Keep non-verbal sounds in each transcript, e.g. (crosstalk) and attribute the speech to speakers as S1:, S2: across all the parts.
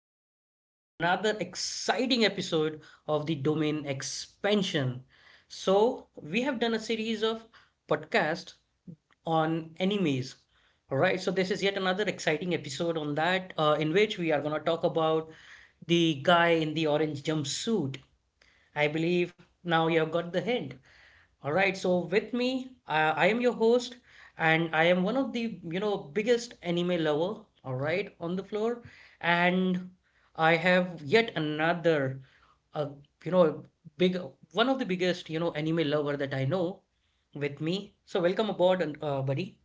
S1: welcome to yet another exciting episode of the Domain Expansion. So, we have done a series of podcasts on animes. All right, so this is yet another exciting episode on that, in which we are going to talk about the guy in the orange jumpsuit. I believe now you have got the hint. All right, so with me, I am your host, and I am one of the, biggest anime lover, all right, on the floor, and I have yet another, uh, you know, big one of the biggest, anime lover that I know with me. So welcome aboard, and, buddy.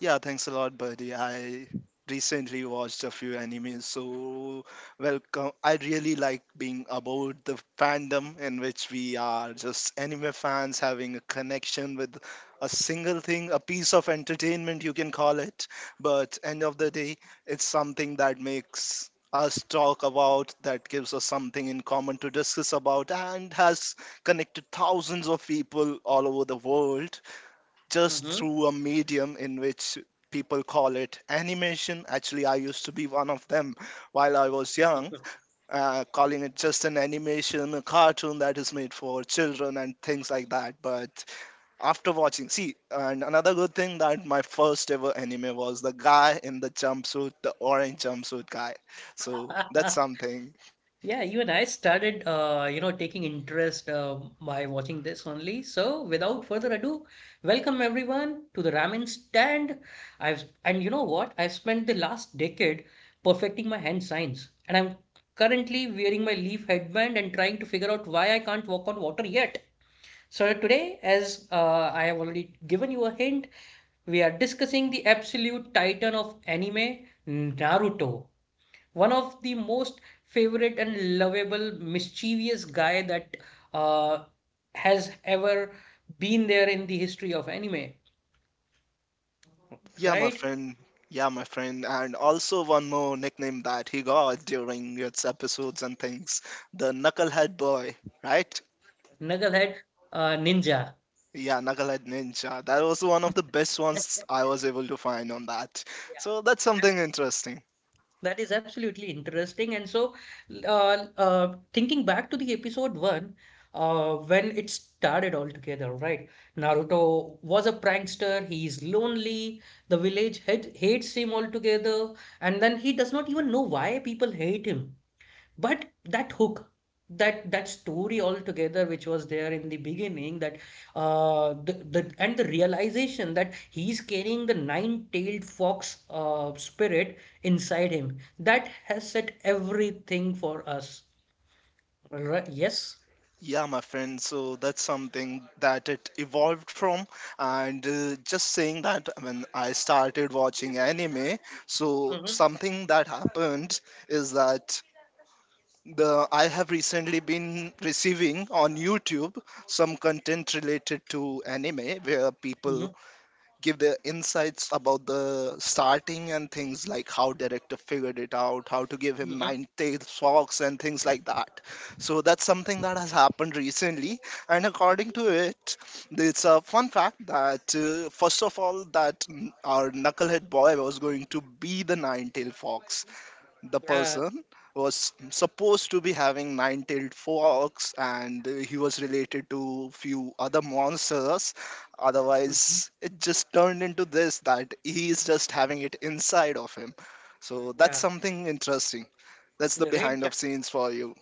S2: Yeah, thanks a lot, buddy. I recently watched a few animes, so welcome. I really like being about the fandom in which we are just anime fans having a connection with a single thing, a piece of entertainment you can call it, but end of the day, it's something that makes us talk about, that gives us something in common to discuss about, and has connected thousands of people all over the world just
S1: Mm-hmm.
S2: through a medium in which people call it animation. Actually, I used to be one of them while I was young, calling it just an animation, a cartoon that is made for children and things like that. But after watching, see, and another good thing that my first ever anime was the guy in the jumpsuit, the orange jumpsuit guy. So that's
S1: (laughs)
S2: something.
S1: Yeah, even I started, taking interest by watching this only. So, without further ado, welcome everyone to the ramen stand. I've and You know what? I've spent the last decade perfecting my hand science, and I'm currently wearing my leaf headband and trying to figure out why I can't walk on water yet. So today, as I have already given you a hint, we are discussing the absolute titan of anime, Naruto, one of the most favorite and lovable mischievous guy that uh, has ever been there in the history of anime,
S2: Yeah, my
S1: right?
S2: friend. Yeah, my friend. And also one more nickname that he got during its episodes and things, the Knucklehead Boy, right?
S1: Knucklehead Ninja. (laughs)
S2: Yeah, Knucklehead Ninja. That was one of the best
S1: Yeah,
S2: ones I was able to find on that. So that's something
S1: absolutely.
S2: interesting.
S1: That is absolutely interesting. And so, thinking back to the episode one, when it started altogether, right? Naruto was a prankster. He's lonely. The hates him altogether. And then he does not even know why people hate him. But that hook, that story altogether, which was there in the beginning, that the realization that he's carrying the nine-tailed fox spirit inside him, that has set everything for us. Yes.
S2: Yeah, my friend. So that's something that it evolved from. And just saying that when I started watching anime, so
S1: Mm-hmm.
S2: something that happened is that the I have recently been receiving on YouTube some content related to anime where people
S1: Mm-hmm.
S2: give their insights about the starting and things like how director figured it out, how to give him
S1: Mm-hmm.
S2: nine tails socks and things like that. So that's something that has happened recently, and according to it, it's a fun fact that, first of all, that our knucklehead boy was going to be the nine tailed fox, the
S1: Yeah.
S2: person was supposed to be having nine-tailed fox and he was related to few other monsters,
S1: Mm-hmm.
S2: otherwise it just turned into this, that he is just having it inside of him. So that's
S1: Yeah.
S2: something interesting. That's the
S1: The red
S2: behind of
S1: chakra.
S2: scenes for you.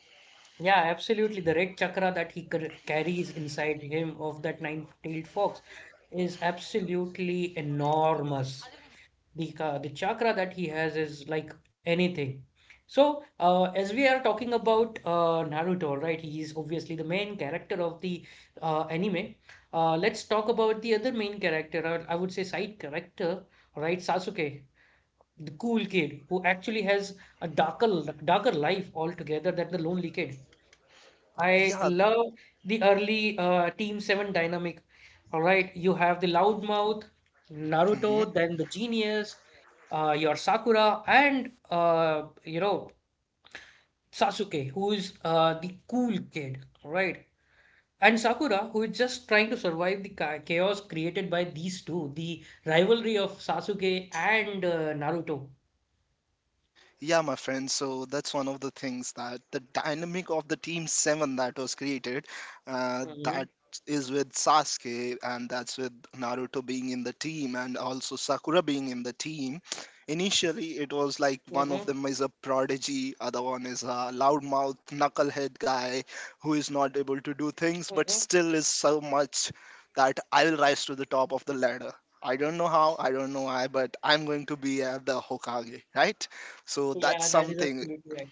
S1: Yeah, absolutely. The red chakra that he carries inside him of that nine-tailed fox is absolutely enormous. The chakra that he has is like anything. So, as we are talking about Naruto, right? He is obviously the main character of the anime. Let's talk about the other main character, or I would say side character, right? Sasuke, the cool kid who actually has a darker darker life altogether than the lonely kid. I
S2: Yeah.
S1: love the early Team 7 dynamic. All right, you have the loudmouth,
S2: Mm-hmm.
S1: Naruto, then the genius, your Sakura, and Sasuke, who is the cool kid. All right, and Sakura, who is just trying to survive the chaos created by these two, the rivalry of Sasuke and Naruto.
S2: Yeah, my friend. So that's one of the things, that the dynamic of the team seven that was created,
S1: Mm-hmm.
S2: that is with Sasuke and that's with Naruto being in the team and also Sakura being in the team.
S1: Mm-hmm.
S2: Initially, it was like one of them is a prodigy, other one is a loudmouth knucklehead guy who is not able to do things,
S1: Mm-hmm.
S2: but still is so much that I will rise to the top of the ladder. I don't know how, I don't know why, but I'm going to be at the Hokage, right? So that's
S1: Yeah, that is
S2: something,
S1: absolutely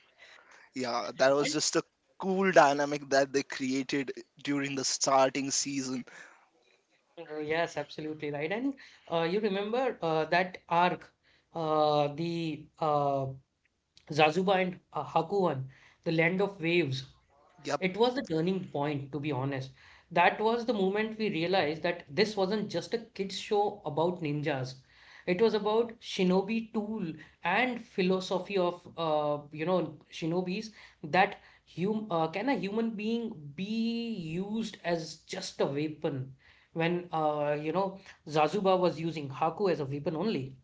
S2: yeah, that was
S1: right.
S2: just a cool dynamic that they created during the starting season.
S1: Yes, absolutely right. And you remember that arc, the Zazuba and Haku, the land of waves.
S2: Yep.
S1: It was the turning point, to be honest. That was the moment we realized that this wasn't just a kids' show about ninjas. It was about shinobi tool and philosophy of shinobis, that hum can a human being be used as just a weapon when Zazuba was using Haku as a weapon only.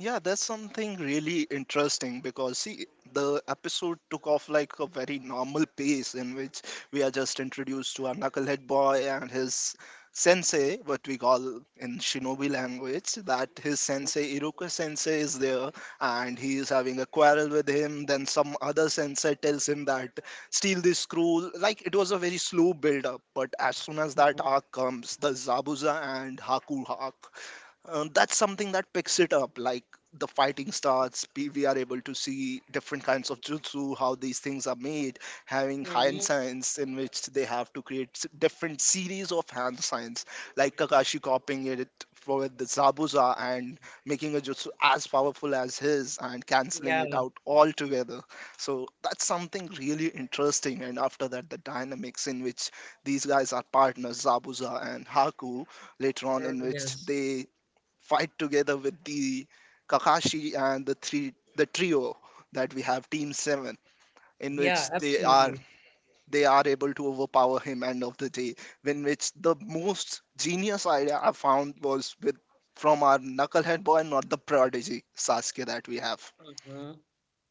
S2: Yeah, that's something really interesting because see, the episode took off like a very normal pace in which we are just introduced to our knucklehead boy and his sensei, what we call in shinobi language, that his sensei, Iruka sensei, is there, and he is having a quarrel with him. Then some other sensei tells him that steal this screw. Like it was a very slow build up, but as soon as that arc comes, the Zabuza and Haku arc, that's something that picks it up, like the fighting starts, we are able to see different kinds of jutsu, how these things are made, having hand signs in which they have to create different series of hand signs, like Kakashi copying it for the Zabuza and making a jutsu as powerful as his and canceling it
S1: Yeah,
S2: out altogether. So that's something really interesting. And after that, the dynamics in which these guys are partners, Zabuza and Haku, later on
S1: or
S2: in which
S1: yes.
S2: they fight together with the Kakashi and the trio that we have, Team Seven, in which
S1: Yeah,
S2: they are
S1: absolutely.
S2: they are able to overpower him end of the day. In which the most genius idea I found was with from our knucklehead boy, not the prodigy Sasuke that we have.
S1: Uh huh.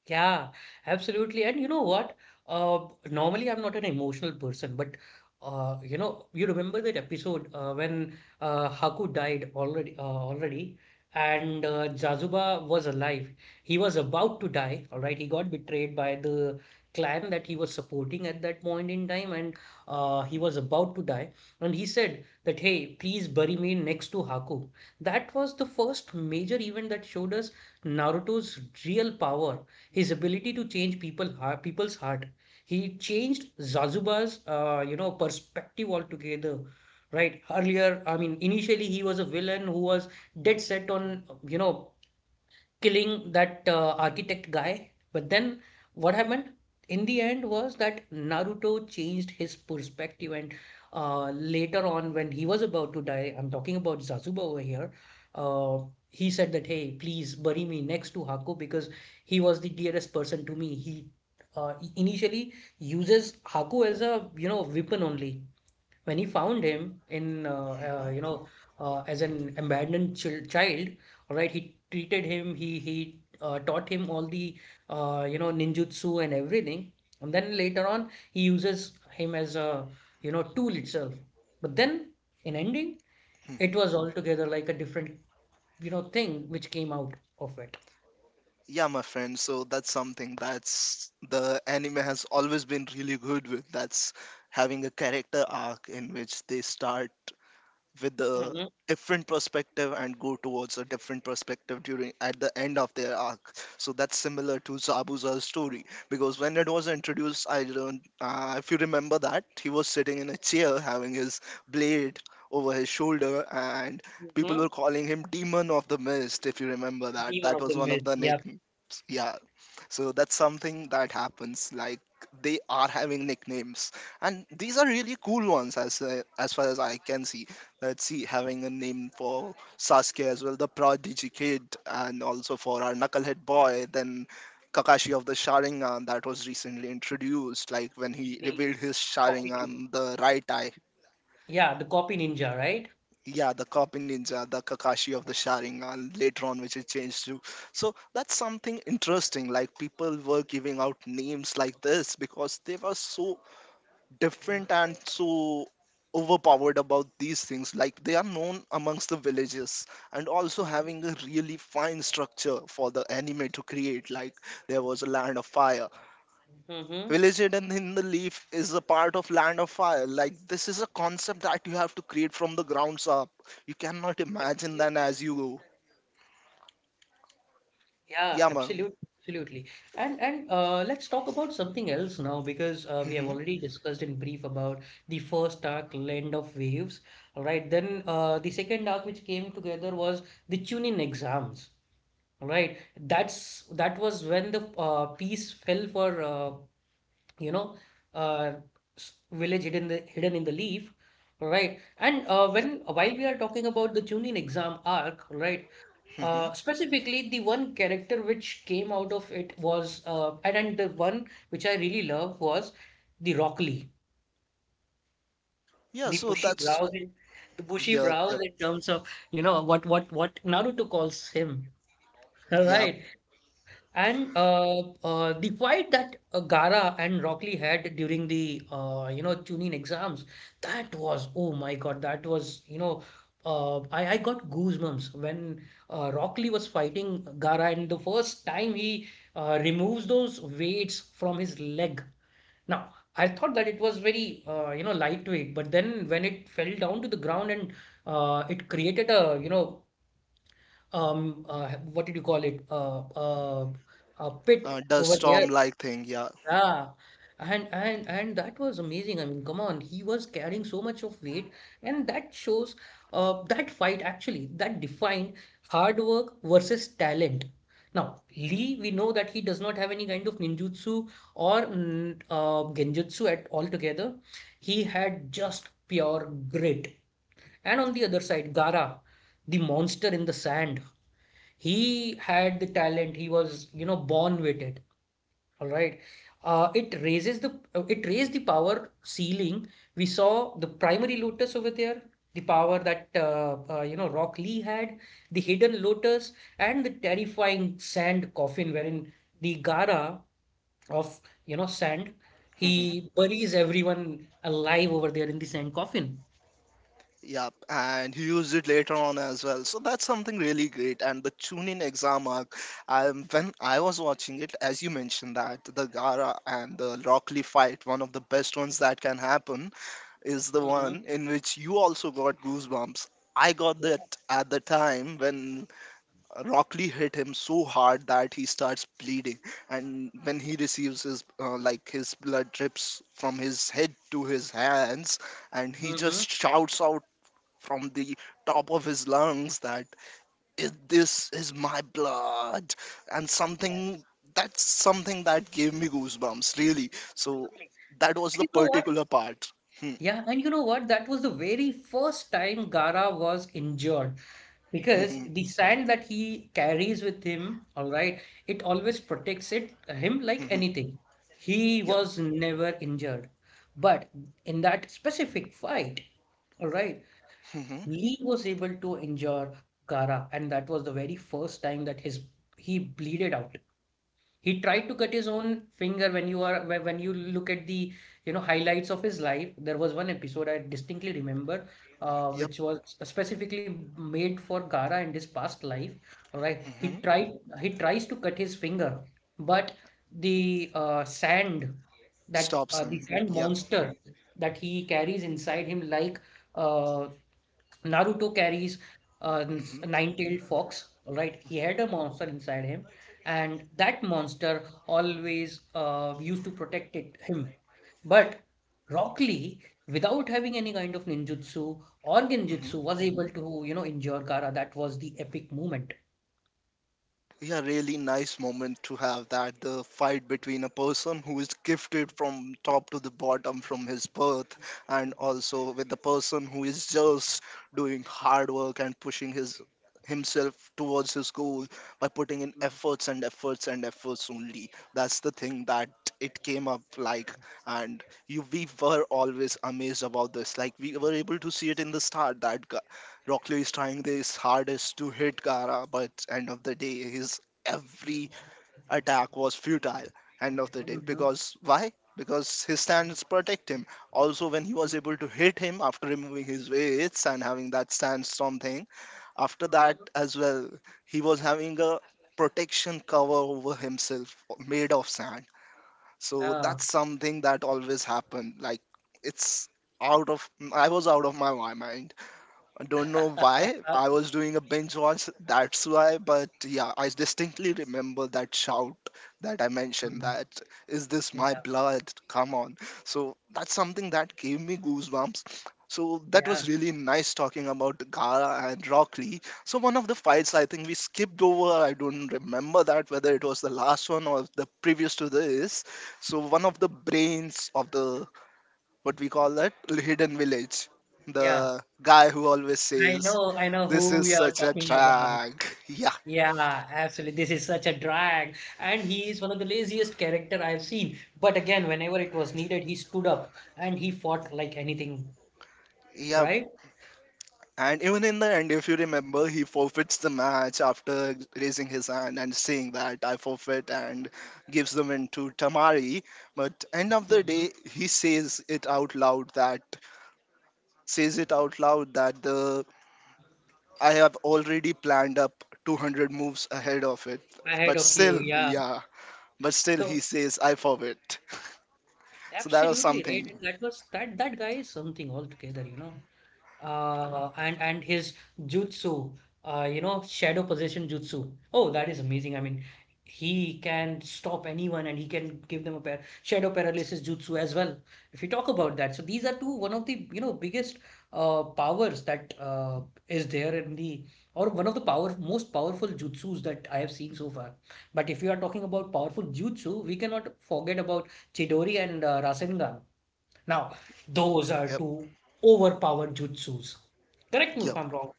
S1: Yeah, absolutely. And you know what? Normally I'm not an emotional person, but you remember that episode when Haku died already, and Jazuba was alive. He was about to die. All right, he got betrayed by the clan that he was supporting at that point in time, and he was about to die. And he said that, "Hey, please bury me next to Haku." That was the first major event that showed us Naruto's real power, his ability to change people's heart. He changed Zazuba's perspective altogether. Right. Earlier, I mean, initially he was a villain who was dead set on killing that architect guy. But then what happened in the end was that Naruto changed his perspective, and later on, when he was about to die, I'm talking about Zazuba over here. Uh, he said that, hey, please bury me next to Haku because he was the dearest person to me. He Initially, uses Haku as a weapon only when he found him in uh,
S2: Mhm.
S1: you know as an abandoned child, all right, he treated him, he taught him all the ninjutsu and everything, and then later on he uses him as a tool itself, but then in ending it
S2: Mhm.
S1: was altogether like a different thing which came out of it.
S2: Yeah, my friend. So that's something that's the anime has always been really good with. That's having a character arc in which they start with a
S1: Mm-hmm.
S2: different perspective and go towards a different perspective during at the end of their arc. So that's similar to Zabuza's story, because when it was introduced, I don't if you remember, that he was sitting in a chair having his blade over his shoulder, and people
S1: Mm-hmm.
S2: were calling him demon of the mist, if you remember that,
S1: Demon
S2: that
S1: of the
S2: was one of
S1: Mist.
S2: the
S1: Yep.
S2: nicknames. Yeah. So that's something that happens, like they are having nicknames, and these are really cool ones as far as I can see. Let's see, having a name for Sasuke as well, the prodigy kid, and also for our knucklehead boy, then Kakashi of the Sharingan that was recently introduced, like when he
S1: They
S2: revealed his
S1: copied him.
S2: Sharingan, the right eye.
S1: Yeah, the copy ninja, right.
S2: Yeah, the copy ninja, the Kakashi of the Sharingan later on, which it changed to. So that's something interesting. Like people were giving out names like this because they were so different and so overpowered about these things, like they are known amongst the villages, and also
S1: Mhm.
S2: having a really fine structure for the anime to create, like there was a land of fire,
S1: Mm-hmm.
S2: village hidden in the leaf is a part of land of fire, like this is a concept that you have to create from the grounds up, you cannot imagine that
S1: Absolutely.
S2: as you go.
S1: Yeah,
S2: Yeah, ma'am.
S1: absolutely. Absolutely. And let's talk about something else now because we have
S2: Hmm.
S1: already discussed in brief about the first arc, Land of Waves. All right. Then the second arc which came together was the Chunin exams. All right. That was when the piece fell for you know uh, village hidden in hidden in the leaf, right. And when
S2: Yeah.
S1: while we are talking about the Chunin exam arc, right,
S2: Hmm.
S1: specifically the one character which came out of it was and the one which I really love was the Rock Lee,
S2: Yeah.
S1: the
S2: so
S1: bushy
S2: that's
S1: brows, and the bushy
S2: Yeah, yeah,
S1: brows in terms of you know what Naruto calls him. (laughs) All
S2: yeah,
S1: right. And the fight that Gara and Rockley had during the Chunin exams, that was, oh my God, that was you know, I got goosebumps when Rockley was fighting Gara and the first time he removes those weights from his leg. Now, I thought that it was very, lightweight, but then when it fell down to the ground and it created a, um uh, what did you call it, pit
S2: dust
S1: over there.
S2: storm like thing. Yeah.
S1: Yeah, and that was amazing. I mean, come on, he was carrying so much of weight, and that shows, that fight actually, that defined hard work versus talent. Now Lee, we know that he does not have any kind of ninjutsu or genjutsu at altogether. He had just pure grit. And on the other side, Gara, the monster in the sand, he had the talent. He was, you know, born with it. All right. It raised the power ceiling. We saw the primary lotus over there, the power that Rock Lee had, the hidden lotus, and the terrifying sand coffin wherein the Gara of sand,
S2: Mm-hmm.
S1: he buries everyone alive over there in the sand coffin.
S2: Yeah, and he used it later on as well. So that's something really great. And the Chunin exam arc, when I was watching it, as you mentioned that the Gara and the Rockley fight, one of the best ones that can happen, is the
S1: Mm-hmm.
S2: one in which you also got goosebumps. I got that at the time when Rockley hit him so hard that he starts bleeding, and when he receives his, like his blood drips from his head to his hands, and he
S1: Mm-hmm.
S2: just shouts out from the top of his lungs that, this is my blood," and something,
S1: Yes,
S2: that's something that gave me goosebumps, really. So
S1: absolutely.
S2: that was
S1: And
S2: the
S1: you know what?
S2: particular part. Hmm,
S1: Yeah, and you know what? That was the very first time Gara was injured
S2: hmm,
S1: because
S2: hmm,
S1: the sand that he carries with him, all right, it always protects it him like
S2: hmm, hmm.
S1: anything. He
S2: Yep.
S1: was never injured. But in that specific fight, all right,
S2: Hmm, hmm.
S1: Lee was able to injure Gara, and that was the very first time that his he bleeded out. He tried to cut his own finger. When you are when you look at the highlights of his life, there was one episode I distinctly remember,
S2: Yep.
S1: which was specifically made for Gara and his past life. All right,
S2: Hmm. Hmm.
S1: he tries to cut his finger, but the sand that
S2: Stops
S1: the
S2: him.
S1: sand
S2: Yep.
S1: monster that he carries inside him, like uh, Naruto carries a
S2: Hmm, hmm,
S1: nine-tailed fox, all right? He
S2: hmm,
S1: had a monster inside him, and that monster always used to him. But Rock Lee, without having any kind of ninjutsu or
S2: hmm.
S1: genjutsu, was able to, you know, injure Kara. That was the epic moment.
S2: Yeah, really nice moment to have, that the fight between a person who is gifted from top to the bottom from his birth, and also with the person who is just doing hard work and pushing his himself towards his goal by putting in
S1: Mhm.
S2: efforts and efforts and efforts only. That's the thing that it came up like. And you we were always amazed about this. Like we were able to see it in the start that, Rock Lee is trying his hardest to hit Gara, but end of the day, his every attack was futile. End of the day,
S1: Mhm.
S2: because why? Because his stance protect him. Also, when he was able to hit him after removing his weights and having that stance storm thing, after that as well, he was having a protection cover over himself made of sand. So
S1: Yeah.
S2: that's something that always happened. Like it's out of I was out of my mind. I don't know why I
S1: (laughs)
S2: was doing a binge watch, that's why, but yeah, I distinctly remember that shout that I mentioned,
S1: Hmm.
S2: that, is this my
S1: Yeah,
S2: blood? Come on. So that's something that gave me goosebumps. So that
S1: yeah,
S2: was really nice talking about Gara and Rock Lee. So one of the fights I think we skipped over, I don't remember that whether it was the last one or the previous to this. So one of the brains of the, what we call, that hidden village.
S1: yeah.
S2: The guy who always says,
S1: I know
S2: "This
S1: who
S2: is
S1: we are
S2: such a
S1: talking about.
S2: drag." Yeah,
S1: Yeah, absolutely. This is such a drag. And he is one of the laziest character I've seen. But again, whenever it was needed, he stood up and he fought like anything,
S2: yeah.
S1: right?
S2: And even in the end, if you remember, he forfeits the match after raising his hand and saying that I forfeit, and gives the win to Tamari. But end of the
S1: Mm-hmm.
S2: day, he says it out loud, that the I have already planned up 200 moves ahead of it.
S1: Ahead
S2: But
S1: of you,
S2: still,
S1: yeah.
S2: yeah. But still,
S1: So
S2: he says I forfeit. So that was
S1: absolutely right.
S2: something.
S1: And that was that that guy is something altogether, you know. And His jutsu, shadow possession jutsu. Oh, that is amazing. I mean, he can stop anyone and he can give them a pair shadow paralysis jutsu as well. If you talk about that, so these are two one of the biggest powers that is there in the, or one of the power most powerful jutsus that I have seen so far. But if you are talking about powerful jutsu, we cannot forget about Chidori and Rasengan. Now, those are
S2: Yep.
S1: two overpowered jutsus. Correct me if
S2: Yep.
S1: I'm wrong.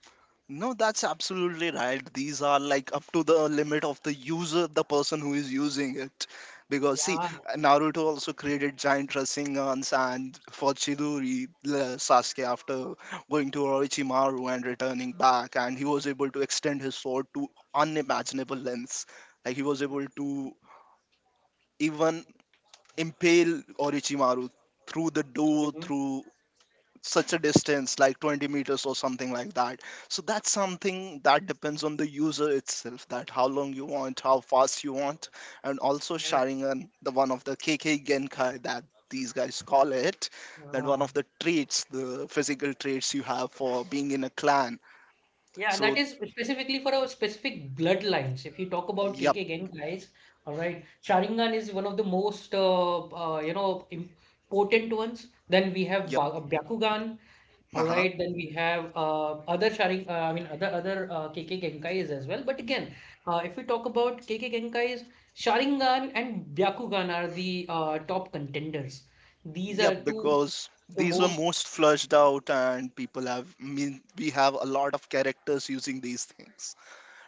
S2: No, that's absolutely right. These are like up to the limit of the user, the person who is using it. Because see,
S1: Yeah.
S2: Naruto also created giant Rasengan's, and for Chidori, Sasuke after going to Orochimaru and returning back, and he was able to extend his sword to unimaginable lengths. Like he was able to even impale Orochimaru through the door,
S1: Mhm.
S2: through such a distance, like 20 meters or something like that. So that's something that depends on the user itself, that how long you want, how fast you want. And also
S1: Yeah.
S2: sharing the one of the kk genkai that these guys call it, that one
S1: Yeah,
S2: of the traits, the physical traits you have for being in a clan.
S1: Yeah, that
S2: So
S1: is specifically for a specific bloodlines. If you talk about
S2: yep.
S1: KK gang guys, all right, Sharingan is one of the most important ones. Then we have
S2: Yep.
S1: ba Byakugan. All
S2: Uh-huh.
S1: right, then we have other sharing. I mean, other other K K Genkais as well. But again, if we talk about K K Genkais, Sharingan and Byakugan are the top contenders. These
S2: Yep,
S1: are two
S2: because
S1: the
S2: these were
S1: most.
S2: most flushed out, and people have, we have a lot of characters using these things.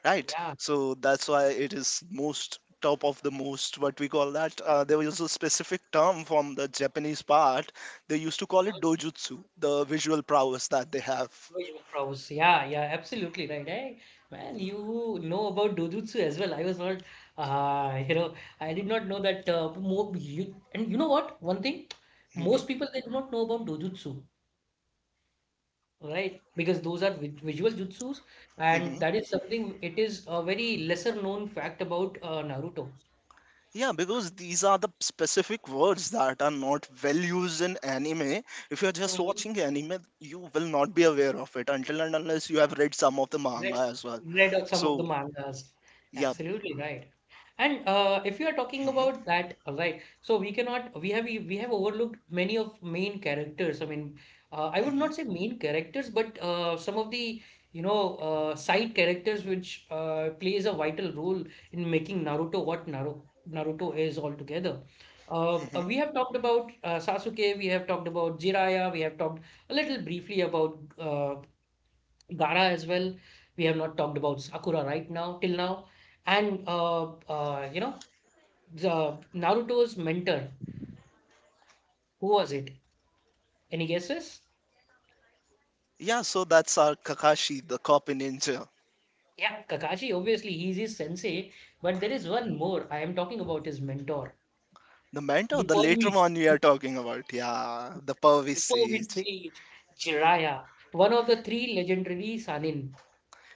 S2: Right?
S1: Yeah,
S2: So that's why it is most top of the most, what we call that. There was a specific term from the Japanese part. They used to call it dojutsu, the visual prowess that they have.
S1: pros. Yeah, yeah, absolutely right. Hey, man, you know about Dojutsu as well. I was not, uh, you know, I did not know that. More you, and you know what? One thing,
S2: Mhm.
S1: most people they do not know about Dojutsu. Right, because those are visual jutsus,
S2: Mhm.
S1: and that is something it is a very lesser known fact about Naruto.
S2: Yeah, because these are the specific words that are not well used in anime. If you're just watching anime, you will not be aware of it until and unless you have read some of the
S1: read
S2: manga as well.
S1: read of some of the
S2: So,
S1: mangas.
S2: yeah.
S1: Absolutely right. And if you are talking
S2: Mhm,
S1: about that, right? So we cannot we have we have overlooked many of main characters. I mean, I would
S2: mhm,
S1: not say main characters, but some of the you know side characters which plays a vital role in making Naruto what Naruto is altogether.
S2: mhm.
S1: We have talked about Sasuke, we have talked about Jiraiya, we have talked a little briefly about Ghana as well. We have not talked about Sakura right now till now. And the Naruto's mentor, who was it? Any guesses?
S2: Yeah, so that's our Kakashi, the copy ninja.
S1: Yeah, Kakashi, obviously, he's his sensei, but there is one more. I am talking about his mentor,
S2: The mentor,
S1: the
S2: the later
S1: Pervy
S2: one we are
S1: Sage,
S2: talking about. Yeah, the Pervis
S1: the Pervy
S2: Sage.
S1: Sage, Jiraiya, one of the three legendary Sanin,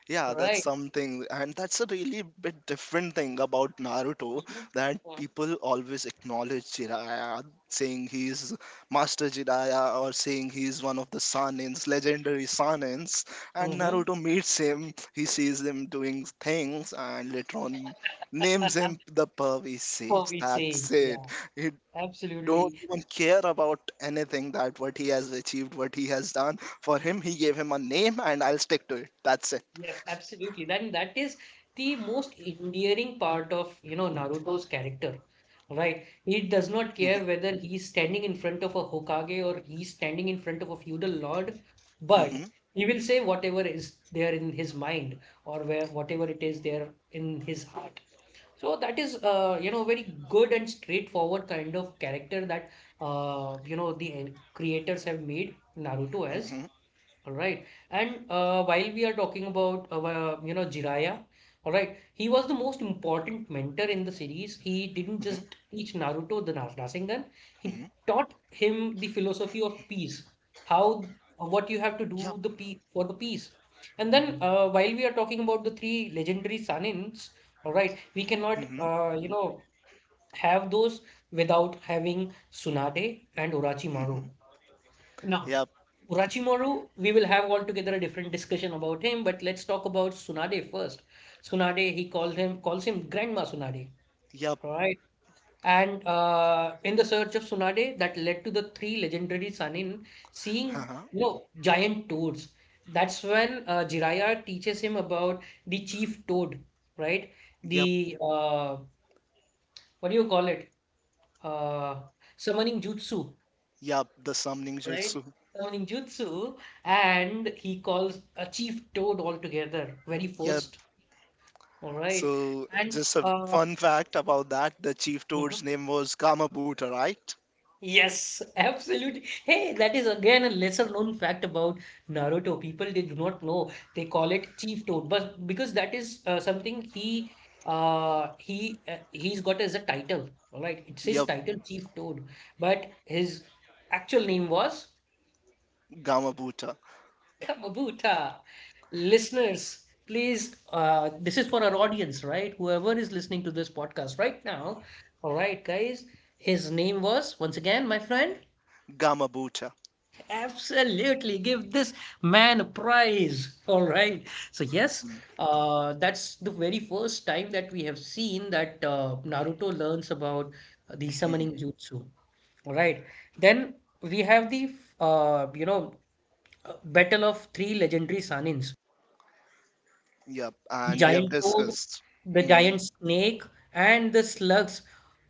S2: Yeah, that's
S1: right?
S2: something, and that's a really bit different thing about Naruto, that
S1: hmm
S2: people always acknowledge Jiraiya, saying he's Master Jiraiya or saying he's one of the Sanins, legendary Sanins. And
S1: hmm.
S2: Naruto meets him, he sees him doing things, and later on names him
S1: (laughs)
S2: the Pervis Sage.
S1: Pervy
S2: That's
S1: Sage,
S2: it.
S1: yeah,
S2: It don't
S1: absolutely.
S2: even care about anything that what he has achieved, what he has done. For him, he gave him a name, and I'll stick to it. That's it.
S1: Yeah, absolutely. Then that is the most endearing part of, you know, Naruto's character, right? He does not care
S2: (laughs)
S1: whether he's standing in front of a Hokage or he's standing in front of a feudal lord, but
S2: Mhm,
S1: he will say whatever is there in his mind or where whatever it is there in his heart. So that is, you know, very good and straightforward kind of character that, you know, the creators have made Naruto
S2: mhm,
S1: as.
S2: mhm,
S1: All right. And while we are talking about Jiraiya, all right, he was the most important mentor in the
S2: mhm,
S1: series. He didn't just teach Naruto the
S2: mhm.
S1: Rasengan. He taught him the philosophy of peace, how what you have
S2: Yup.
S1: to do the pe for the peace. And then while we are talking about the three legendary Sanins, all right, we cannot
S2: Mhm,
S1: have those without having Tsunade and Orochimaru.
S2: mhm.
S1: Now,
S2: Yup.
S1: Urachimaru, we will have altogether a different discussion about him, but let's talk about Tsunade first. Tsunade, he called him calls him Grandma Tsunade,
S2: Yup.
S1: all right? And in the search of Tsunade, that led to the three legendary Sanin seeing,
S2: Uh-huh.
S1: you know, giant toads. That's when Jiraiya teaches him about the chief toad, right?
S2: Yup.
S1: The what do you call it? Uh, Summoning jutsu.
S2: Yup. The summoning
S1: Right?
S2: jutsu.
S1: Summoning jutsu, and he calls a Chief Toad altogether, very
S2: Yup.
S1: first, all right?
S2: So,
S1: And
S2: just a fun fact about that: the chief toad's
S1: mhm.
S2: name was Gamabuta, right?
S1: Yes, (laughs) absolutely. Hey, that is again a lesser known fact about Naruto. People they do not know. They call it Chief Toad, but because that is something he's got as a title, all right? It's his
S2: Yup.
S1: title, Chief Toad, but his actual name was.
S2: Gamabuta.
S1: Kamabuta. Listeners, please, this is for our audience, right? Whoever is listening to this podcast right now. All right, guys. His name was, once again, my friend.
S2: Gamabuta.
S1: Absolutely. Give this man a prize. All right. So, yes,
S2: Mhm,
S1: that's the very first time that we have seen that Naruto learns about the
S2: mhm.
S1: summoning jutsu. All right. Then we have the, uh, you know, Battle of Three Legendary Sanins.
S2: Yup.
S1: The
S2: And we have
S1: giant toad,
S2: discussed.
S1: the
S2: Mm-hmm.
S1: giant snake, and the slugs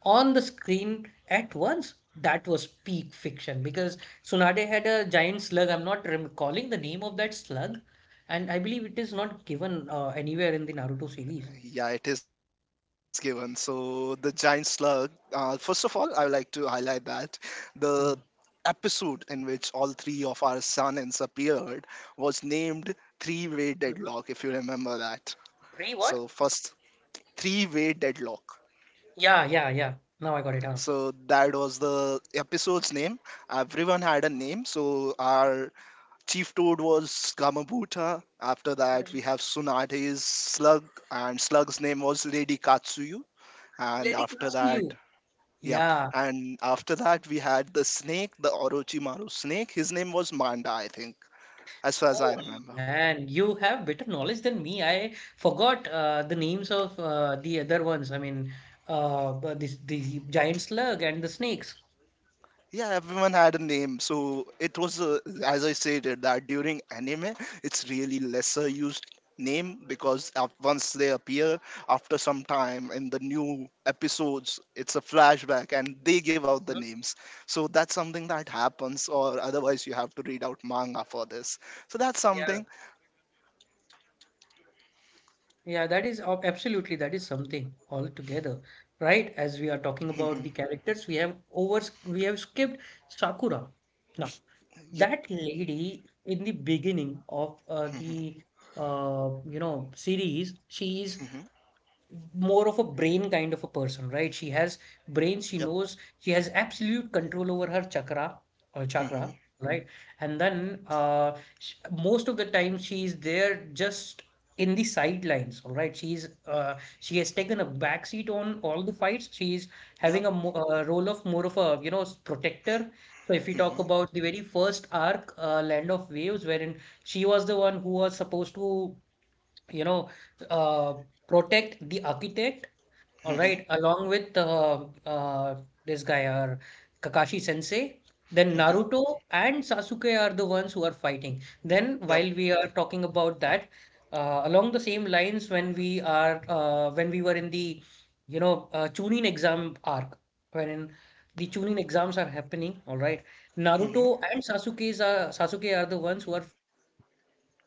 S1: on the screen at once. That was peak fiction because Tsunade had a giant slug. I'm not recalling the name of that slug, and I believe it is not given anywhere in the Naruto series.
S2: Yeah, it is given. So the giant slug. First of all, I would like to highlight that the
S1: Mm.
S2: episode in which all three of our Sanins appeared was named Three-Way Deadlock,
S1: Mhm.
S2: if you remember that.
S1: Three
S2: So
S1: what?
S2: first, Three-Way Deadlock.
S1: Yeah, yeah, yeah. Now I got it. Huh?
S2: So that was the episode's name. Everyone had a name. So our chief toad was Gamabuta. After that,
S1: Mhm.
S2: we have Sunade's slug, and slug's name was Lady Katsuyu. And
S1: Let it come
S2: after
S1: to
S2: that,
S1: you.
S2: yep.
S1: Yeah.
S2: And after that we had the snake, the Orochimaru snake. His name was Manda, I think, as far as I
S1: Oh
S2: remember.
S1: man, you have better knowledge than me. I forgot the names of the other ones. I mean, but this the giant slug and the snakes.
S2: Yeah, everyone had a name. So it was, as I stated, that during anime it's really lesser used name, because once they appear, after some time in the new episodes, it's a flashback and they give out the
S1: Mhm.
S2: names. So that's something that happens, or otherwise you have to read out manga for this. So that's
S1: Yeah,
S2: something.
S1: yeah, that is absolutely that is something altogether, right? As we are talking about the characters, we have skipped Sakura. Now,
S2: (laughs)
S1: that lady in the beginning of
S2: Mm-hmm.
S1: the series, she is
S2: Mm-hmm.
S1: more of a brain kind of a person, right? She has brains, she
S2: Yep.
S1: knows she has absolute control over her chakra or
S2: Mm-hmm.
S1: chakra, right? And then sh most of the time she is there just in the sidelines, all right? She's she has taken a back seat on all the fights. She's having
S2: Yep.
S1: a role of more of a you know protector. So if we talk
S2: Mm-hmm.
S1: about the very first arc, Land of Waves, wherein she was the one who was supposed to you know, uh, protect the architect, all
S2: Mm-hmm.
S1: right, along with this guy, our Kakashi Sensei. Then
S2: Mm-hmm.
S1: Naruto and Sasuke are the ones who are fighting. Then,
S2: Yep.
S1: while we are talking about that, along the same lines, when we were in the, you know, Chunin exam arc, when the Chunin exams are happening, all right,
S2: Mm-hmm.
S1: Naruto and Sasuke's are, Sasuke are the ones who are fighting. But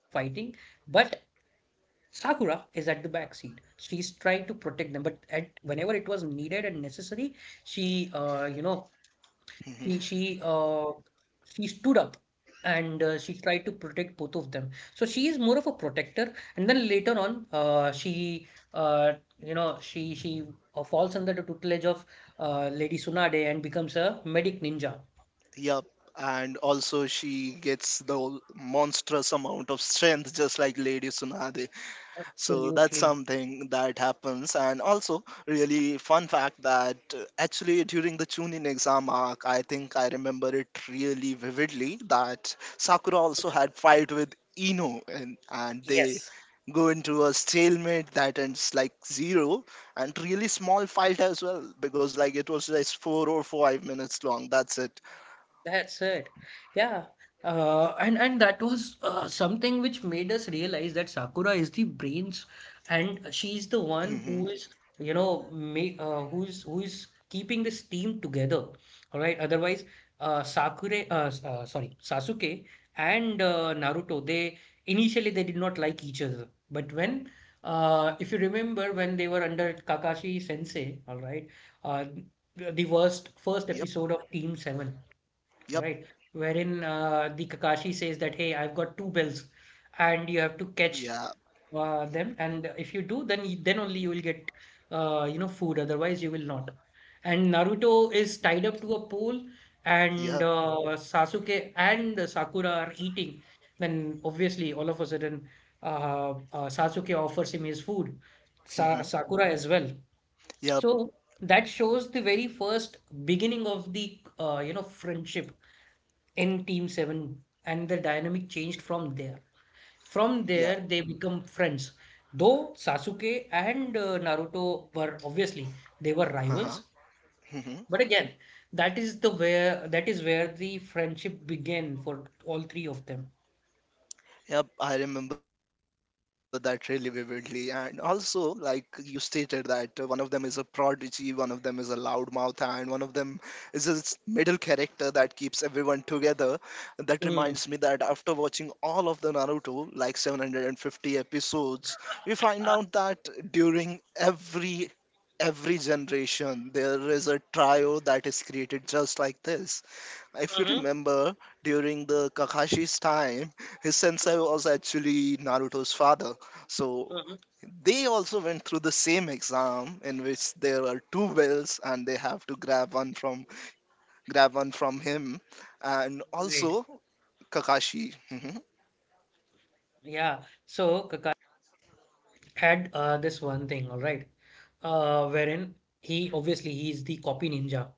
S1: Sakura is at the back seat. She's trying to protect them, but at whenever it was needed and necessary, she, you know, she she
S2: Mm-hmm.
S1: uh, she stood up and she tried to protect both of them. So she is more of a protector, and then later on, she, uh, you know, she falls under the tutelage of Lady Tsunade and becomes a medic ninja.
S2: Yep. And also, she gets the monstrous amount of strength, just like Lady Tsunade. So that's
S1: Absolutely.
S2: something that happens. And also, really fun fact that actually during the Chunin exam arc, I think I remember it really vividly that Sakura also had fight with Ino, and they
S1: Yes.
S2: go into a stalemate that ends like zero. And really small fight as well, because like it was just 4 or 5 minutes long. That's it.
S1: That's it. Yeah. And that was something which made us realize that Sakura is the brains, and she's the one
S2: Hmm.
S1: who is, you know, who's keeping this team together. All right. Otherwise, sorry, Sasuke and Naruto, they initially they did not like each other, but when if you remember when they were under Kakashi Sensei, all right, uh, the worst first
S2: Yep.
S1: episode of Team Seven,
S2: Yep.
S1: right? Wherein the Kakashi says that, hey, I've got two bells, and you have to catch
S2: Yeah.
S1: them. And if you do, then then only you will get food. Otherwise, you will not. And Naruto is tied up to a pole, and
S2: Yep.
S1: Sasuke and Sakura are eating. Then obviously, all of a sudden, Sasuke offers him his food, Sa
S2: Hmm.
S1: Sakura as well.
S2: Yep.
S1: So that shows the very first beginning of the friendship in Team 7 and the dynamic changed from there. From
S2: Yeah.
S1: there, they become friends. Though Sasuke and Naruto were obviously they were
S2: Uh-huh.
S1: rivals,
S2: Mm-hmm.
S1: but again, that is where the friendship began for all three of them.
S2: Yep, I remember that really vividly. And also, like you stated, that one of them is a prodigy, one of them is a loudmouth, and one of them is a middle character that keeps everyone together. That reminds me
S1: Hmm.
S2: that after watching all of the Naruto, like 750 episodes, we find
S1: Uh,
S2: out that during every generation there is a trio that is created just like this. If you
S1: mhm,
S2: remember, during the Kakashi's time, his sensei was actually Naruto's father. So
S1: mhm.
S2: they also went through the same exam in which there are two wills and they have to grab one from him. And
S1: Right.
S2: also Kakashi. Hmm.
S1: Yeah. So, Kakashi had this one thing, all right, wherein he's the copy ninja,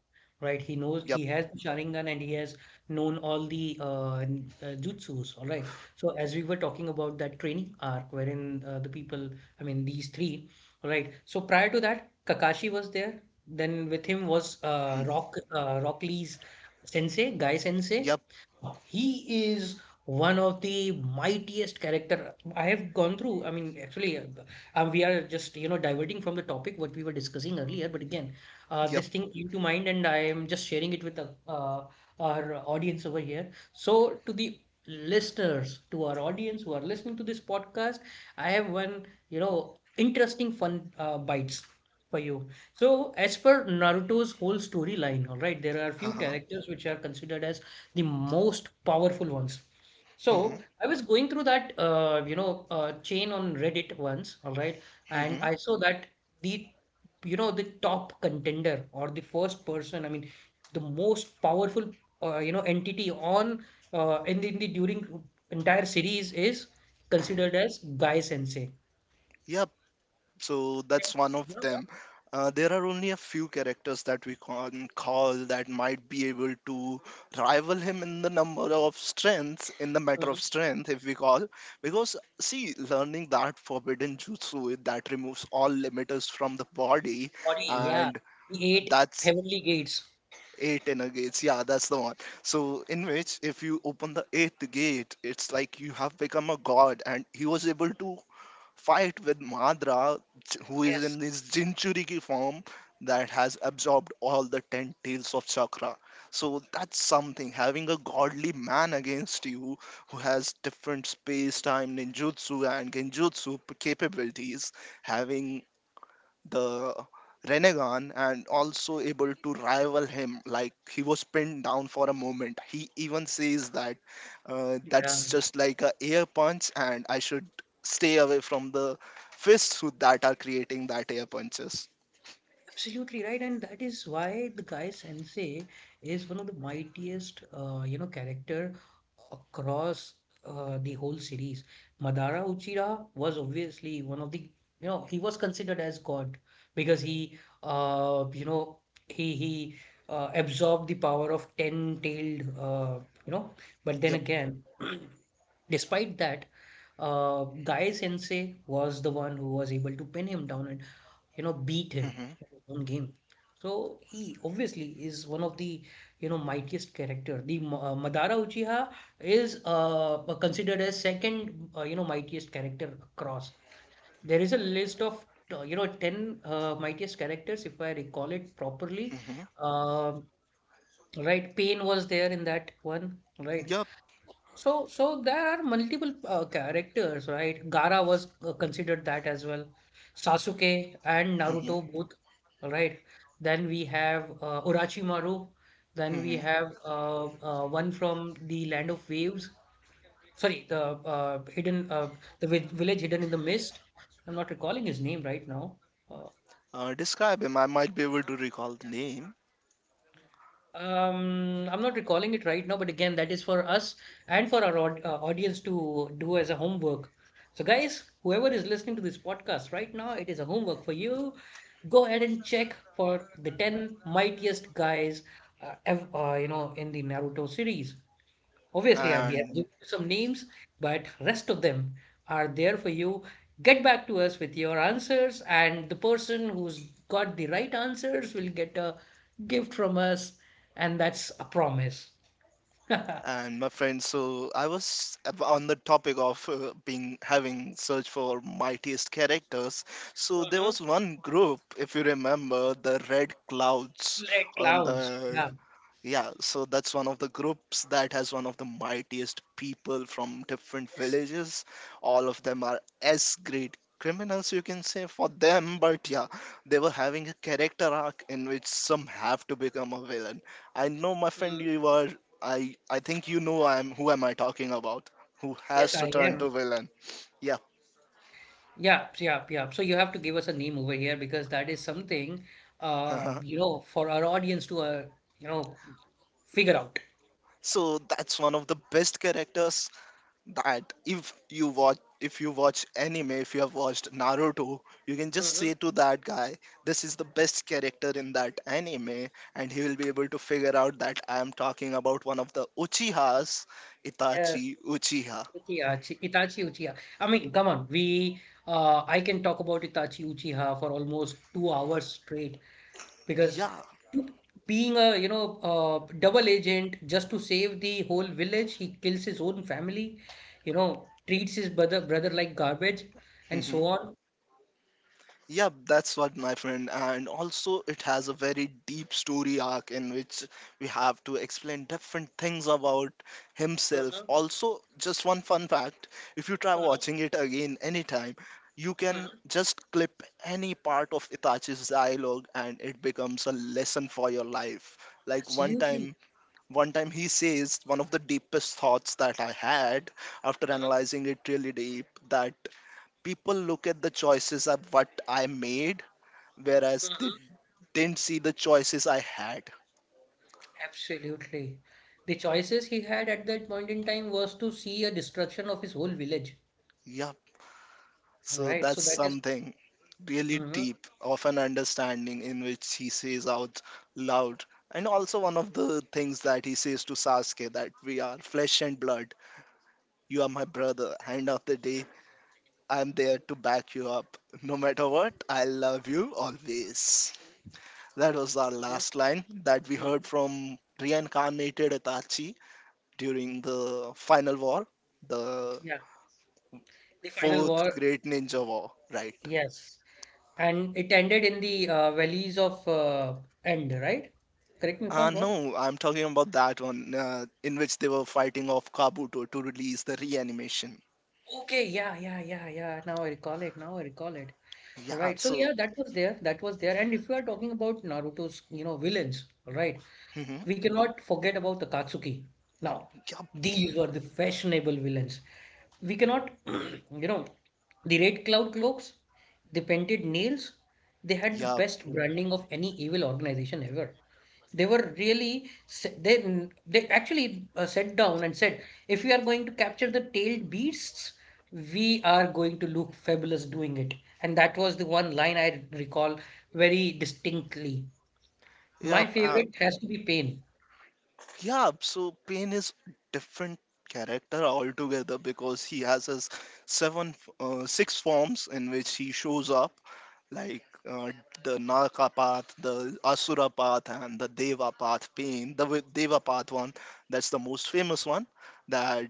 S1: right? He knows
S2: Yup.
S1: he has the Sharingan and he has known all the jutsus, all right. So as we were talking about that training arc, wherein the people, I mean these three, all right. So prior to that, Kakashi was there. Then with him was
S2: Hmm.
S1: Rock Lee's sensei, Guy Sensei.
S2: Yep.
S1: He is one of the mightiest character I have gone through. I mean, actually, we are just, you know, diverting from the topic what we were discussing earlier. But again,
S2: Yup.
S1: this thing came to mind, and I am just sharing it with the, our audience over here. So, to the listeners, to our audience who are listening to this podcast, I have one, you know, interesting fun bites for you. So, as per Naruto's whole storyline, all right, there are few
S2: Uh-huh.
S1: characters which are considered as the most powerful ones. So I was going through that chain on Reddit once, all right, and
S2: Hmm.
S1: I saw that the the top contender or the first person, I mean, the most powerful entity on in the during entire series is considered as Guy Sensei.
S2: So
S1: And
S2: that's one of
S1: you know what?
S2: them. There are only a few characters that we can call that might be able to rival him in the number of strengths, in the matter of
S1: Mhm.
S2: strength if we call. Because see, learning that forbidden jutsu that removes all limiters from the body,
S1: Body, yeah,
S2: and
S1: the eight
S2: that's
S1: heavenly gates.
S2: eight inner gates, yeah, that's the one. So in which if you open the eighth gate, it's like you have become a god, and he was able to fight with Madra, who is in
S1: Yes,
S2: his Jinchuriki form that has absorbed all the 10 tails of Chakra. So that's something. Having a godly man against you who has different space time ninjutsu and genjutsu capabilities, having the Renegon and also able to rival him. Like he was pinned down for a moment. He even says that
S1: yeah.
S2: that's just like a air punch, and I should stay away from the fists who that are creating that air punches.
S1: Absolutely right, and that is why the guy Sensei is one of the mightiest, character across the whole series. Madara Uchiha was obviously one of the, he was considered as God because he, you know, he absorbed the power of ten-tailed, you know. But then
S2: Yep.
S1: again, (clears throat) despite that, Guy Sensei was the one who was able to pin him down, and you know, beat him
S2: Hmm.
S1: in his own game. So he obviously is one of the, you know, mightiest character. Madara Uchiha is considered as second, you know, mightiest character across. There is a list of, you know, 10 mightiest characters, if I recall it properly.
S2: Hmm.
S1: Um right, Pain was there in that one, right?
S2: Yep.
S1: So there are multiple characters, right? Gaara was considered that as well. Sasuke and
S2: Hmm.
S1: Naruto both, right? Then we have Orochimaru. Then we
S2: Hmm.
S1: have one from the Land of Waves. Sorry, the hidden, village hidden in the mist. I'm not recalling his name right now. Uh,
S2: Describe him. I might be able to recall the name.
S1: I'm not recalling it right now, but again, that is for us and for our audience to do as a homework. So, guys, whoever is listening to this podcast right now, it is a homework for you. Go ahead and check for the 10 mightiest guys, ev you know, in the Naruto series. Obviously, we have given
S2: And
S1: you some names, but rest of them are there for you. Get back to us with your answers, and the person who's got the right answers will get a gift from us, and that's a promise. (laughs) Red.
S2: and my friends. So I was on the topic of being having search for mightiest characters. So there
S1: Mm-hmm.
S2: was one group, if you remember, the Red Clouds on
S1: Clowns.
S2: the,
S1: Yeah.
S2: yeah, so that's one of the groups that has one of the mightiest people from different
S1: Yes.
S2: villages. All of them are S grade criminals, you can say, for them, but yeah, they were having a character arc in which some have to become a villain. I know, my friend,
S1: Mm-hmm.
S2: you are. I think you know I am. Who am I talking about? Who
S1: Yes,
S2: has
S1: I
S2: to turn
S1: am.
S2: to villain? Yeah.
S1: Yeah, yeah, yeah, so you have to give us a name over here because that is something,
S2: (laughs)
S1: for our audience to, you know, figure out.
S2: So that's one of the best characters that if you watch anime, if you have watched Naruto, you can just
S1: Mm-hmm.
S2: say to that guy, this is the best character in that anime, and he will be able to figure out that I am talking about one of the Uchihas. Itachi
S1: Yes.
S2: Uchiha.
S1: Uchiha, Itachi Uchiha. I mean, come on. We, I can talk about Itachi Uchiha for almost 2 hours straight because
S2: Yeah.
S1: to- being a, you know, double agent just to save the whole village, he kills his own family, you know, treats his brother like garbage, and
S2: Mm-hmm.
S1: so on.
S2: Yeah, that's what my friend, and also it has a very deep story arc in which we have to explain different things about himself.
S1: Mhm,
S2: Also, just one fun fact, if you try
S1: mhm,
S2: watching it again anytime, you can
S1: mhm.
S2: just clip any part of Itachi's dialogue and it becomes a lesson for your life. Like one
S1: Absolutely.
S2: time, one time he says one of the deepest thoughts that I had, after
S1: Mhm,
S2: analyzing it really deep, that people look at the choices of what I made, whereas they
S1: mhm.
S2: didn't see the choices I had.
S1: Absolutely. The choices he had at that point in time was to see a destruction of his whole village.
S2: Yep.
S1: All
S2: So
S1: right. So
S2: that's
S1: that is-
S2: something really
S1: mm-hmm.
S2: deep of an understanding in which he says out loud. And also one of the things that he says to Sasuke, that we are flesh and blood. You are my brother. End of the day, I'm there to back you up. No matter what, I love you always. That was our
S1: Yeah.
S2: last line that we
S1: Mhm.
S2: heard from reincarnated Itachi during the final war, the
S1: Yeah. The final
S2: fourth
S1: war,
S2: great ninja war, right?
S1: yes. And it ended in the valleys of End, right? Correct me if I'm wrong.
S2: No, I'm talking about that one in which they were fighting off Kabuto to release the reanimation.
S1: Okay, yeah, yeah, yeah, yeah. Now I recall it. Now I recall it. All
S2: Yeah,
S1: right. So
S2: so,
S1: yeah, that was there. That was there. And if you are talking about Naruto's, you know, villains, all right,
S2: mm-hmm,
S1: we cannot forget about the Katsuki. Now,
S2: yup,
S1: these were the fashionable villains. We cannot, (clears throat) you know, the red cloud cloaks, the painted nails, they had the
S2: yup,
S1: best branding of any evil organization ever. They were really s- they actually sat down and said, if we are going to capture the tailed beasts, we are going to look fabulous doing it. And that was the one line I recall very distinctly. My
S2: yup,
S1: favorite has to be Pain.
S2: yup. So Pain is different character altogether, because he has his six forms in which he shows up, like uh, the Naraka path, the Asura path, and the Deva path, Pain, the Deva path one, that's the most famous one that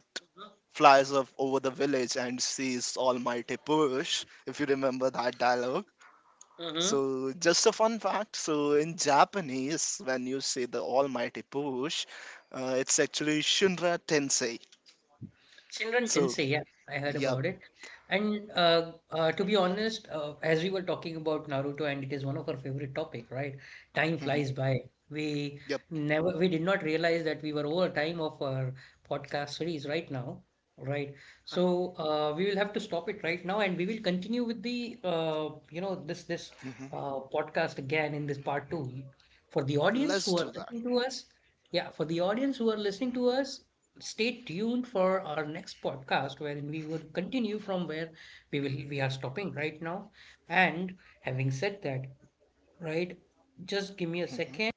S2: flies up over the village and sees Almighty Purush, if you remember that dialogue.
S1: Mhm.
S2: So, just a fun fact, so in Japanese, when you say the Almighty Purush, it's actually Shunra Tensei.
S1: Shinran
S2: So,
S1: Tensei, yeah, I heard
S2: yep,
S1: about it. And to be honest, as we were talking about Naruto, and it is one of our favorite topic, right? Time
S2: hmm,
S1: flies by. We
S2: yep,
S1: never, we did not realize that we were over time of our podcast series right now, right? So we will have to stop it right now, and we will continue with the, you know, this
S2: hmm,
S1: podcast again in this part two. For the audience
S2: let's
S1: who are
S2: do that.
S1: listening to us, yeah, for the audience who are listening to us, stay tuned for our next podcast wherein we will continue from where we are stopping right now. And having said that, right, just give me a
S2: Hmm.
S1: second.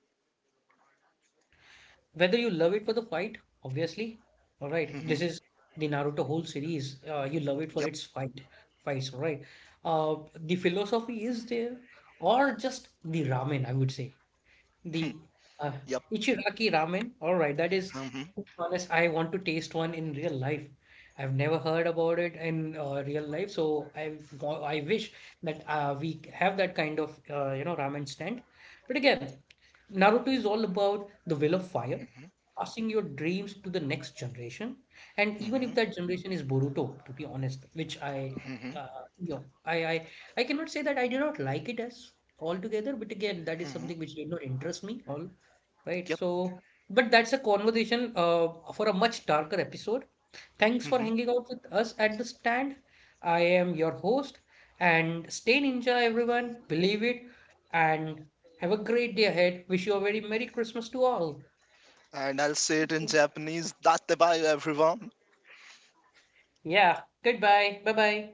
S1: Whether you love it for the fight, obviously, all right.
S2: Hmm.
S1: This is the Naruto whole series. You love it for
S2: Yep,
S1: its fights, all right. Uh, the philosophy is there, or just the ramen, I would say.
S2: hmm,
S1: The uh,
S2: yep.
S1: Ichiraki ramen. All right, that is,
S2: Hmm.
S1: to be honest, I want to taste one in real life. I've never heard about it in real life, so I wish that we have that kind of you know ramen stand. But again, Naruto is all about the will of fire, passing your dreams to the next generation, and even if
S2: Hmm.
S1: that generation is Boruto, to be honest, which I
S2: Hmm.
S1: you know I cannot say that I did not like it as altogether. But again, that is
S2: Hmm.
S1: something which did not interest me all, right?
S2: Yep.
S1: So, but that's a conversation for a much darker episode. Thanks for
S2: Hmm.
S1: hanging out with us at the stand. I am your host, and stay ninja, everyone. Believe it, and have a great day ahead. Wish you a very Merry Christmas to all.
S2: And I'll say it
S1: Thank
S2: in
S1: you.
S2: Japanese. Date bayo, everyone.
S1: Yeah. Goodbye. Bye bye.